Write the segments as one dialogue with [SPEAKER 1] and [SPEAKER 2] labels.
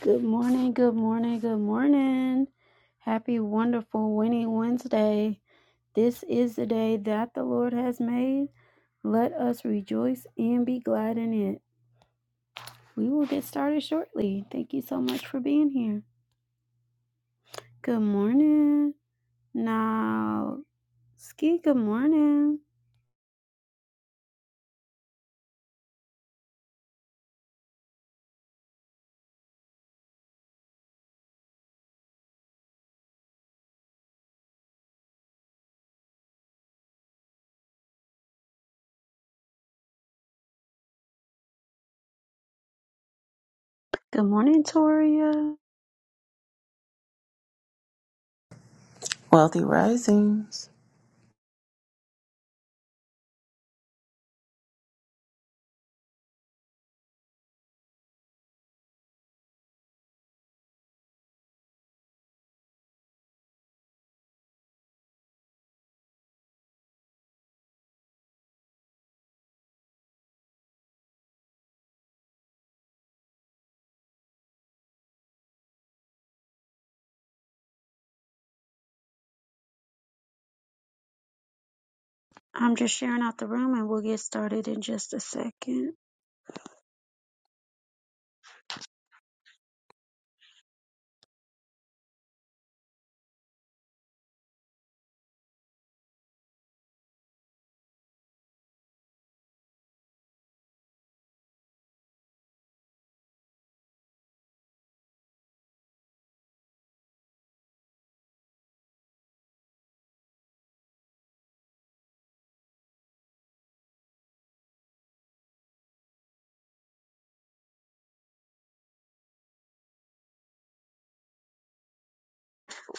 [SPEAKER 1] Good morning, good morning, good morning. Happy, wonderful, winning Wednesday. This is the day that the Lord has made. Let us rejoice and be glad in it. We will get started shortly. Thank you so much for being here. Good morning. Now, Ski, good morning. Good morning, Toria.
[SPEAKER 2] Wealthy Risings.
[SPEAKER 1] I'm just sharing out the room and we'll get started in just a second.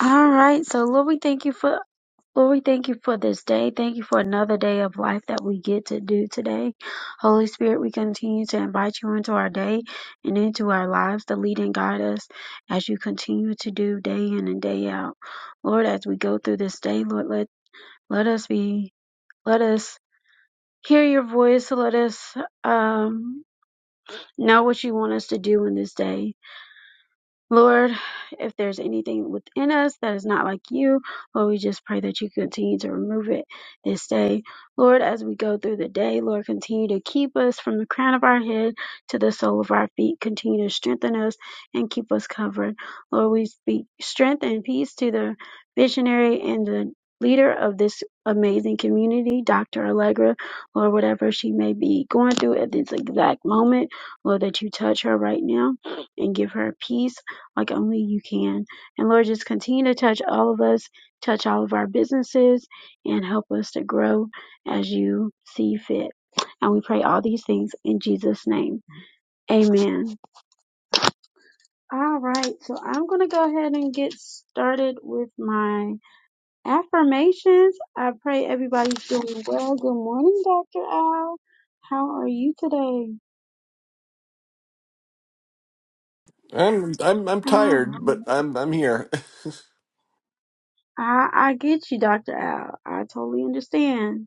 [SPEAKER 1] All right. So, Lord, we thank you for Lord, we thank you for this day. Thank you for another day of life that we get to do today. Holy Spirit, we continue to invite you into our day and into our lives to lead and guide us as you continue to do day in and day out. Lord, as we go through this day, Lord, let, let us be, let us hear your voice. Let us um, know what you want us to do in this day. Lord, if there's anything within us that is not like you, Lord, we just pray that you continue to remove it this day. Lord, as we go through the day, Lord, continue to keep us from the crown of our head to the sole of our feet. Continue to strengthen us and keep us covered. Lord, we speak strength and peace to the visionary and the leader of this amazing community, Dr. Allegra, Lord, whatever she may be going through at this exact moment, Lord, that you touch her right now and give her peace like only you can. And Lord, just continue to touch all of us, touch all of our businesses, and help us to grow as you see fit. And we pray all these things in Jesus' name. Amen. All right, so I'm going to go ahead and get started with my affirmations. I pray everybody's doing well. Good morning, Dr. Al. How are you today?
[SPEAKER 3] I'm I'm I'm
[SPEAKER 1] All
[SPEAKER 3] tired,
[SPEAKER 1] right.
[SPEAKER 3] but I'm I'm here.
[SPEAKER 1] I, I get you, Dr. Al. I totally understand.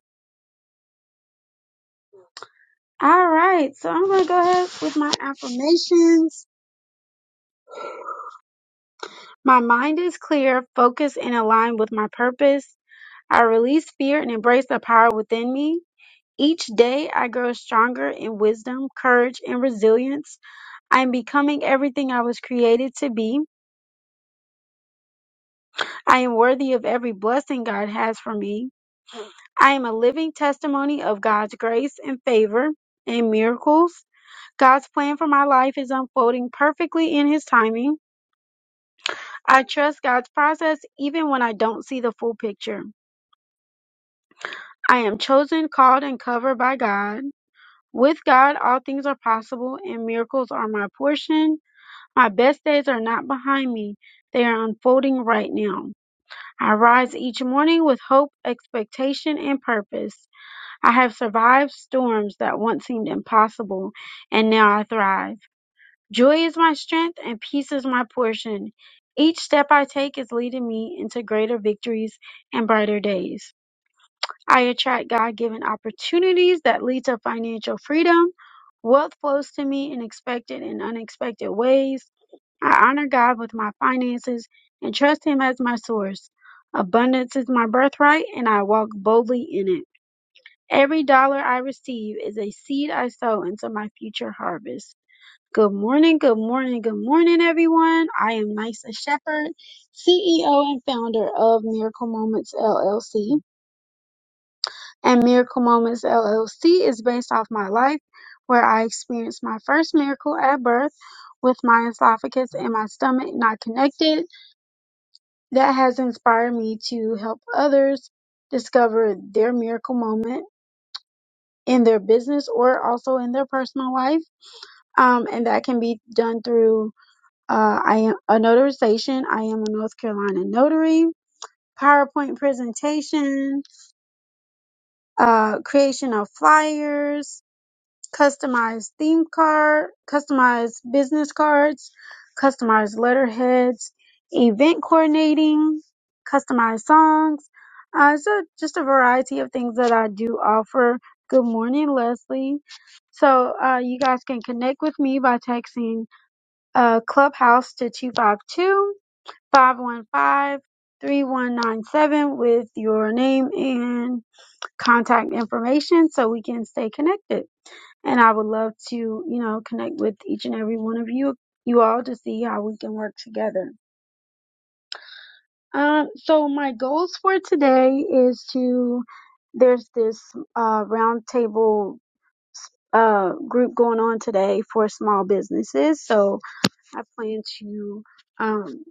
[SPEAKER 1] All right, so I'm going to go ahead with my affirmations. My mind is clear, focused, and aligned with my purpose. I release fear and embrace the power within me. Each day, I grow stronger in wisdom, courage, and resilience. I am becoming everything I was created to be. I am worthy of every blessing God has for me. I am a living testimony of God's grace and favor and miracles. God's plan for my life is unfolding perfectly in His timing. I trust God's process even when I don't see the full picture. I am chosen, called, and covered by God. With God, all things are possible and miracles are my portion. My best days are not behind me, they are unfolding right now. I rise each morning with hope, expectation, and purpose. I have survived storms that once seemed impossible, and now I thrive. Joy is my strength and peace is my portion. Each step I take is leading me into greater victories and brighter days. I attract God given opportunities that lead to financial freedom. Wealth flows to me in expected and unexpected ways. I honor God with my finances and trust Him as my source. Abundance is my birthright and I walk boldly in it. Every dollar I receive is a seed I sow into my future harvest. Good morning, good morning, good morning, everyone. I am Nysa Shepherd, CEO and founder of Miracle Moments LLC. And Miracle Moments LLC is based off my life, where I experienced my first miracle at birth with my esophagus and my stomach not connected. That has inspired me to help others discover their miracle moment in their business or also in their personal life. Um, and that can be done through Uh, I am a notarization. I am a North Carolina notary. PowerPoint presentation, uh, creation of flyers, customized theme card, customized business cards, customized letterheads, event coordinating, customized songs. Uh, so just a variety of things that I do offer. Good morning, Leslie. So uh, you guys can connect with me by texting uh, Clubhouse to 252. Five one five three one nine seven with your name and contact information so we can stay connected. And I would love to, you know, connect with each and every one of you, you all to see how we can work together. Um, so my goals for today is to, there's this, uh, round table, uh, group going on today for small businesses. So, I plan to um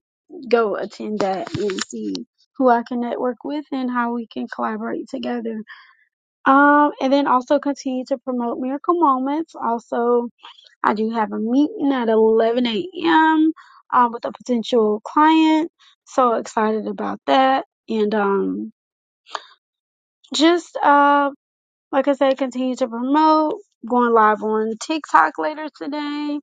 [SPEAKER 1] go attend that and see who I can network with and how we can collaborate together. Um, and then also continue to promote Miracle Moments. Also, I do have a meeting at 11 a.m. Um, with a potential client. So excited about that. And um, just uh, like I said, continue to promote. Going live on TikTok later today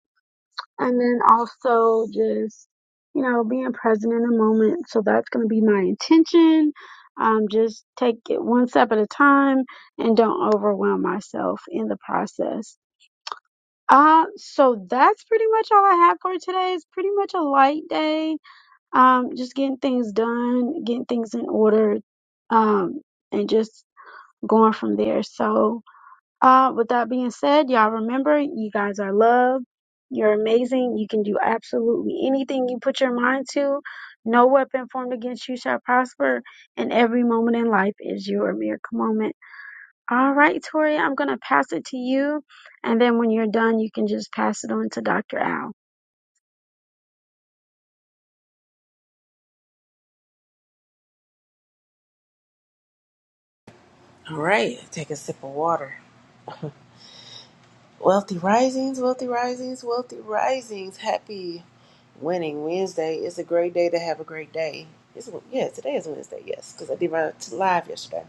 [SPEAKER 1] and then also just you know being present in the moment so that's going to be my intention um, just take it one step at a time and don't overwhelm myself in the process uh, so that's pretty much all i have for today it's pretty much a light day um, just getting things done getting things in order um, and just going from there so uh, with that being said, y'all remember you guys are loved. You're amazing. You can do absolutely anything you put your mind to. No weapon formed against you shall prosper, and every moment in life is your miracle moment. All right, Tori, I'm going to pass it to you. And then when you're done, you can just pass it on to Dr. Al.
[SPEAKER 2] All right, take a sip of water. Wealthy Risings, Wealthy Risings, Wealthy Risings. Happy Winning Wednesday. It's a great day to have a great day. It's, yeah, today is Wednesday, yes, because I did my t- live yesterday.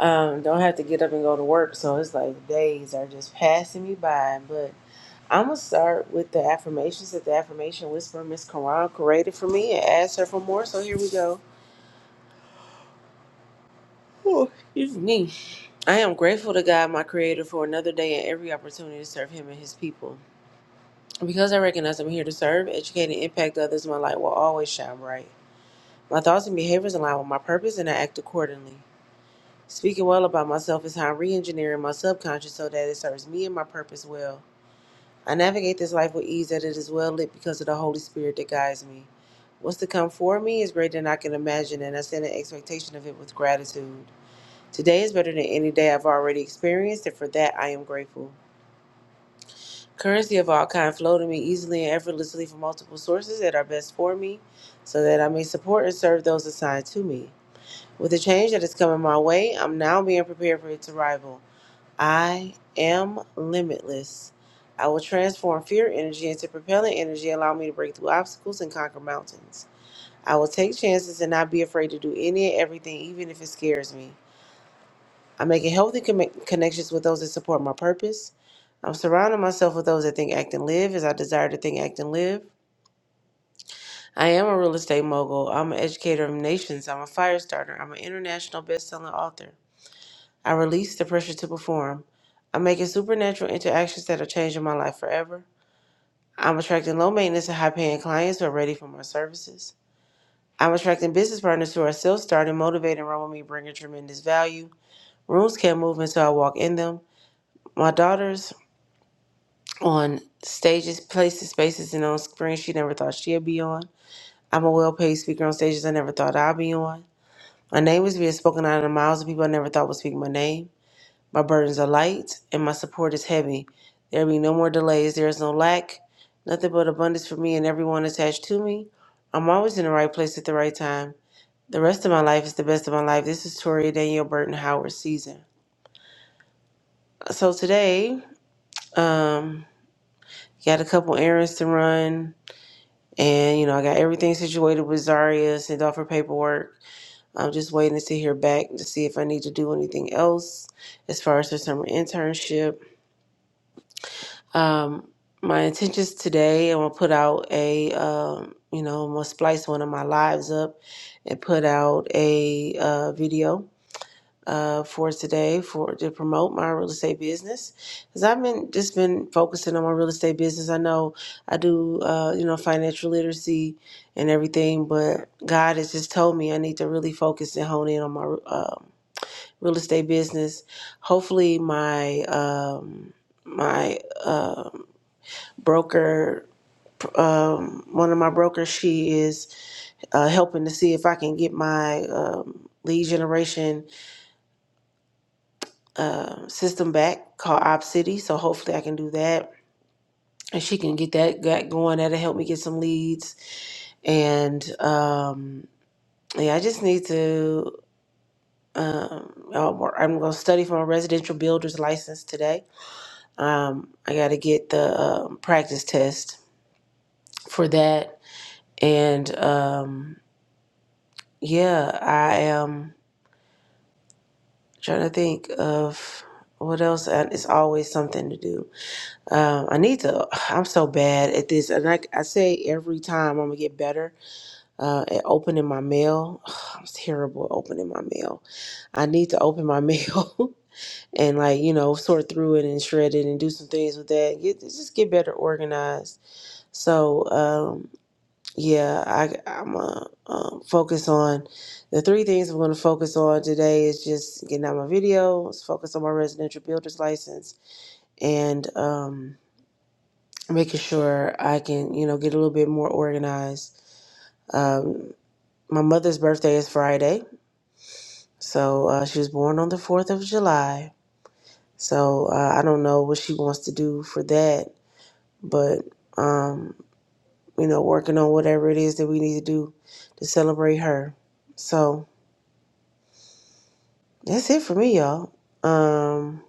[SPEAKER 2] Um, don't have to get up and go to work, so it's like days are just passing me by. But I'm going to start with the affirmations that the affirmation whisperer, Miss Karan, created for me and asked her for more. So here we go. Whew, excuse me. I am grateful to God, my Creator, for another day and every opportunity to serve Him and His people. Because I recognize I'm here to serve, educate, and impact others, my light will always shine bright. My thoughts and behaviors align with my purpose, and I act accordingly. Speaking well about myself is how I'm re engineering my subconscious so that it serves me and my purpose well. I navigate this life with ease, that it is well lit because of the Holy Spirit that guides me. What's to come for me is greater than I can imagine, and I stand in expectation of it with gratitude. Today is better than any day I've already experienced, and for that I am grateful. Currency of all kind flow to me easily and effortlessly from multiple sources that are best for me, so that I may support and serve those assigned to me. With the change that is coming my way, I'm now being prepared for its arrival. I am limitless. I will transform fear energy into propellant energy, allow me to break through obstacles and conquer mountains. I will take chances and not be afraid to do any and everything, even if it scares me. I'm making healthy commi- connections with those that support my purpose. I'm surrounding myself with those that think, act, and live as I desire to think, act, and live. I am a real estate mogul. I'm an educator of nations. I'm a fire starter. I'm an international best-selling author. I release the pressure to perform. I'm making supernatural interactions that are changing my life forever. I'm attracting low maintenance and high paying clients who are ready for my services. I'm attracting business partners who are self starting, motivated, and run with me, bringing tremendous value. Rooms can't move until I walk in them. My daughters on stages, places, spaces, and on screens she never thought she'd be on. I'm a well paid speaker on stages I never thought I'd be on. My name is being spoken out of the mouths of people I never thought would speak my name. My burdens are light and my support is heavy. There be no more delays, there is no lack, nothing but abundance for me and everyone attached to me. I'm always in the right place at the right time. The rest of my life is the best of my life. This is Toria Danielle Burton Howard season. So today, um, got a couple errands to run And, you know, I got everything situated with Zaria, sent off her paperwork. I'm just waiting to hear back to see if I need to do anything else as far as her summer internship. Um, my intentions today, I'm gonna put out a, um, you know, I'm gonna splice one of my lives up and put out a uh, video uh, for today for to promote my real estate business because I've been just been focusing on my real estate business. I know I do uh, you know financial literacy and everything, but God has just told me I need to really focus and hone in on my um, real estate business. Hopefully, my um, my um broker, um, one of my brokers, she is uh, helping to see if I can get my um, lead generation um, system back called Op City. So hopefully I can do that. And she can get that got going. That'll help me get some leads. And um, yeah, I just need to. Um, I'll work- I'm going to study for my residential builder's license today. Um, I got to get the um, practice test for that. And um, yeah, I am trying to think of what else. And It's always something to do. Um, I need to. I'm so bad at this, and like I say every time, I'm gonna get better uh, at opening my mail. I'm terrible at opening my mail. I need to open my mail and like you know sort through it and shred it and do some things with that. Get just get better organized. So um, yeah, I, I'm uh, um, focus on the three things I'm gonna focus on today is just getting out my videos, focus on my residential builder's license, and. Um, making sure I can, you know, get a little bit more organized. Um, my mother's birthday is Friday, so uh, she was born on the 4th of July. So uh, I don't know what she wants to do for that, but, um, you know, working on whatever it is that we need to do to celebrate her. So that's it for me, y'all. Um,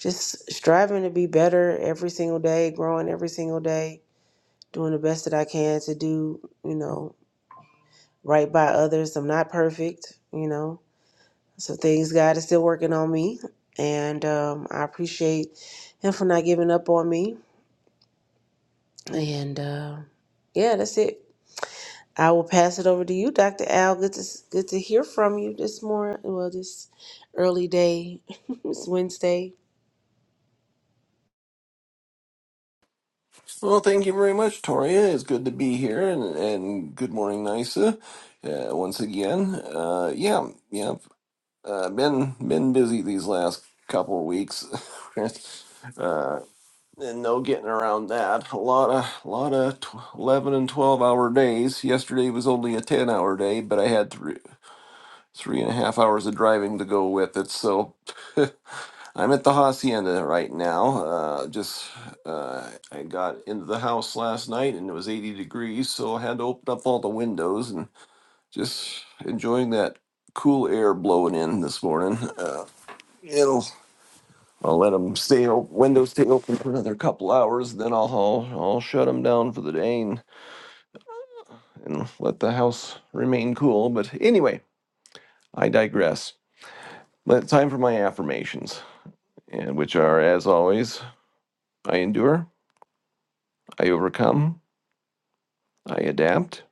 [SPEAKER 2] just striving to be better every single day, growing every single day, doing the best that I can to do, you know, right by others. I'm not perfect, you know. So things God is still working on me, and um, I appreciate Him for not giving up on me. And uh, yeah, that's it. I will pass it over to you, Dr. Al. Good to good to hear from you this morning. Well, this early day. it's Wednesday.
[SPEAKER 3] Well, thank you very much, Toria. It's good to be here, and and good morning, Nisa. Uh, once again, uh, yeah, yeah. Uh, been been busy these last couple of weeks, uh, and no getting around that. A lot of lot of tw- eleven and twelve hour days. Yesterday was only a ten hour day, but I had three three and a half hours of driving to go with it, so I'm at the hacienda right now. Uh, just uh, I got into the house last night and it was 80 degrees, so I had to open up all the windows and just enjoying that cool air blowing in this morning. Uh, it'll I'll let them stay open, windows stay open for another couple hours, then I'll I'll, I'll shut them down for the day and, and let the house remain cool. But anyway, I digress. But time for my affirmations, and which are as always, I endure, I overcome. I adapt.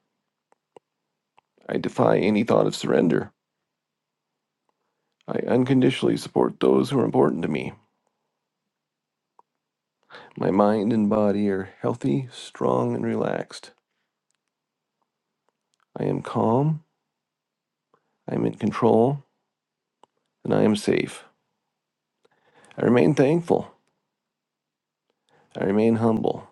[SPEAKER 3] I defy any thought of surrender. I unconditionally support those who are important to me. My mind and body are healthy, strong, and relaxed. I am calm, I am in control, and I am safe. I remain thankful. I remain humble.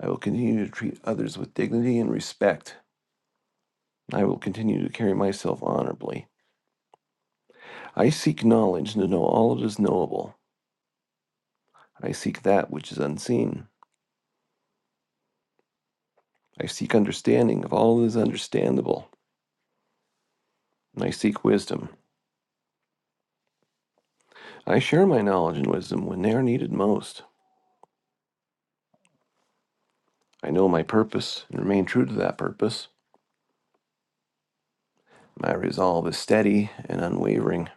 [SPEAKER 3] I will continue to treat others with dignity and respect. I will continue to carry myself honorably. I seek knowledge to know all that is knowable. I seek that which is unseen. I seek understanding of all that is understandable. And I seek wisdom. I share my knowledge and wisdom when they are needed most. I know my purpose and remain true to that purpose. My resolve is steady and unwavering,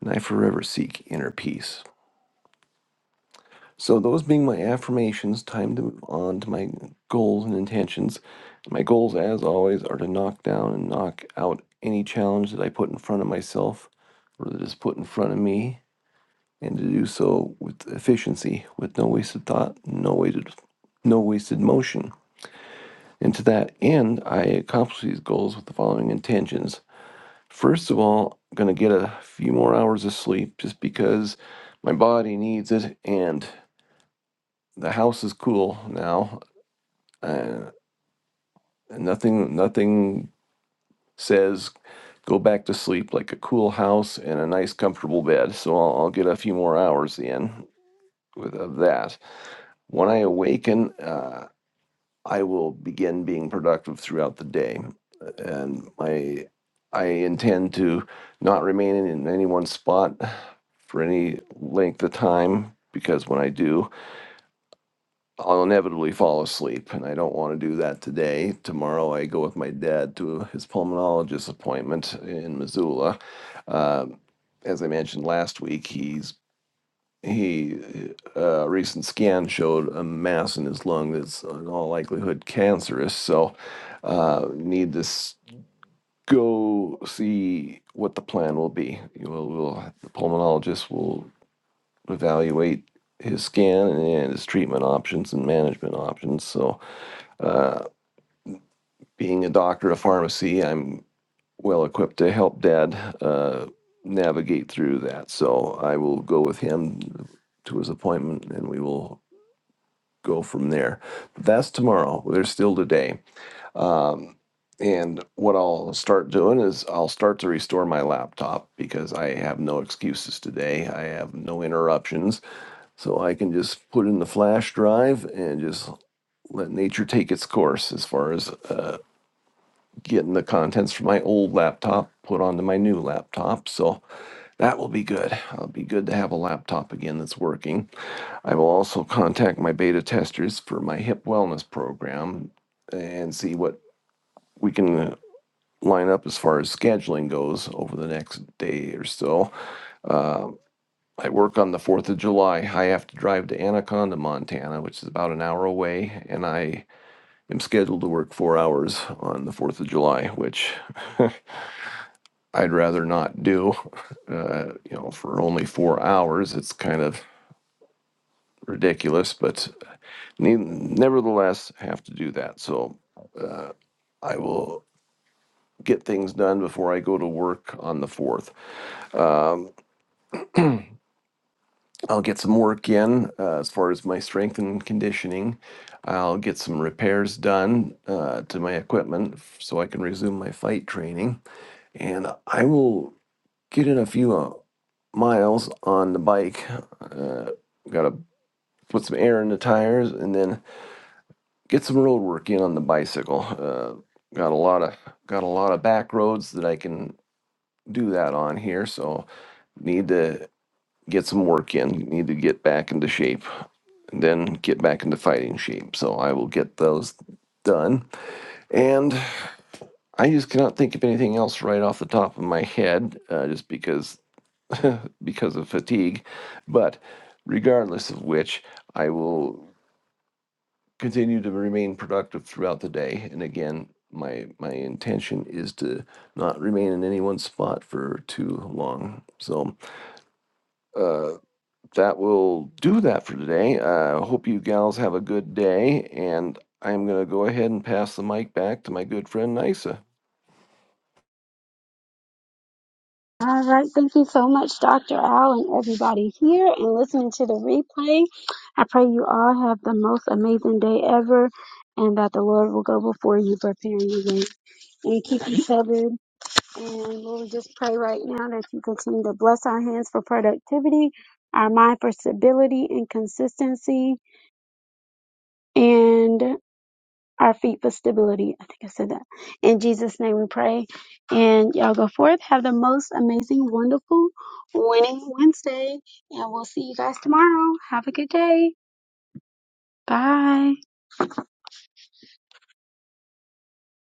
[SPEAKER 3] and I forever seek inner peace. So, those being my affirmations, time to move on to my goals and intentions. My goals, as always, are to knock down and knock out any challenge that I put in front of myself or that is put in front of me, and to do so with efficiency, with no wasted thought, no wasted, no wasted motion. And to that end, I accomplish these goals with the following intentions. First of all, I'm going to get a few more hours of sleep just because my body needs it and the house is cool now. Uh, nothing nothing says go back to sleep like a cool house and a nice comfortable bed. So I'll, I'll get a few more hours in with of that. When I awaken, uh, I will begin being productive throughout the day. And my, I intend to not remain in any one spot for any length of time because when I do, I'll inevitably fall asleep. And I don't want to do that today. Tomorrow, I go with my dad to his pulmonologist appointment in Missoula. Uh, as I mentioned last week, he's he uh, recent scan showed a mass in his lung that's in all likelihood cancerous. So uh, need to go see what the plan will be. We'll, we'll the pulmonologist will evaluate his scan and his treatment options and management options. So being a doctor of pharmacy, I'm well equipped to help Dad. Uh, navigate through that so i will go with him to his appointment and we will go from there. But that's tomorrow. There's still today. Um, and what I'll start doing is I'll start to restore my laptop because I have no excuses today. I have no interruptions. So I can just put in the flash drive and just let nature take its course as far as uh, getting the contents from my old laptop put onto my new laptop. So that will be good. It'll be good to have a laptop again that's working. I will also contact my beta testers for my hip wellness program and see what we can uh, line up as far as scheduling goes over the next day or so. Uh, I work on the 4th of July. I have to drive to Anaconda, Montana, which is about an hour away, and I am scheduled to work four hours on the 4th of July, which I'd rather not do. Uh, you know, for only four hours, it's kind of ridiculous, but nevertheless have to do that. So I will get things done before I go to work on the 4th. Um, I'll get some work in uh, as far as my strength and conditioning. I'll get some repairs done uh, to my equipment f- so I can resume my fight training. And I will get in a few uh, miles on the bike. Uh, Got to put some air in the tires and then get some road work in on the bicycle. Uh, got a lot of got a lot of back roads that I can do that on here. So need to get some work in, need to get back into shape, and then get back into fighting shape. So I will get those done. And I just cannot think of anything else right off the top of my head, uh, just because because of fatigue. But regardless of which, I will continue to remain productive throughout the day. And again, my my intention is to not remain in any one spot for too long. So uh, that will do that for today. I Uh, hope you gals have a good day, and I'm going to go ahead and pass the mic back to my good friend Nisa.
[SPEAKER 1] All right. Thank you so much, Dr. Al, and everybody here and listening to the replay. I pray you all have the most amazing day ever and that the Lord will go before you, preparing the way and keep you covered. And Lord, we just pray right now that you continue to bless our hands for productivity, our mind for stability and consistency. and our feet for stability. I think I said that. In Jesus' name we pray. And y'all go forth. Have the most amazing, wonderful, winning Wednesday. And we'll see you guys tomorrow. Have a good day. Bye.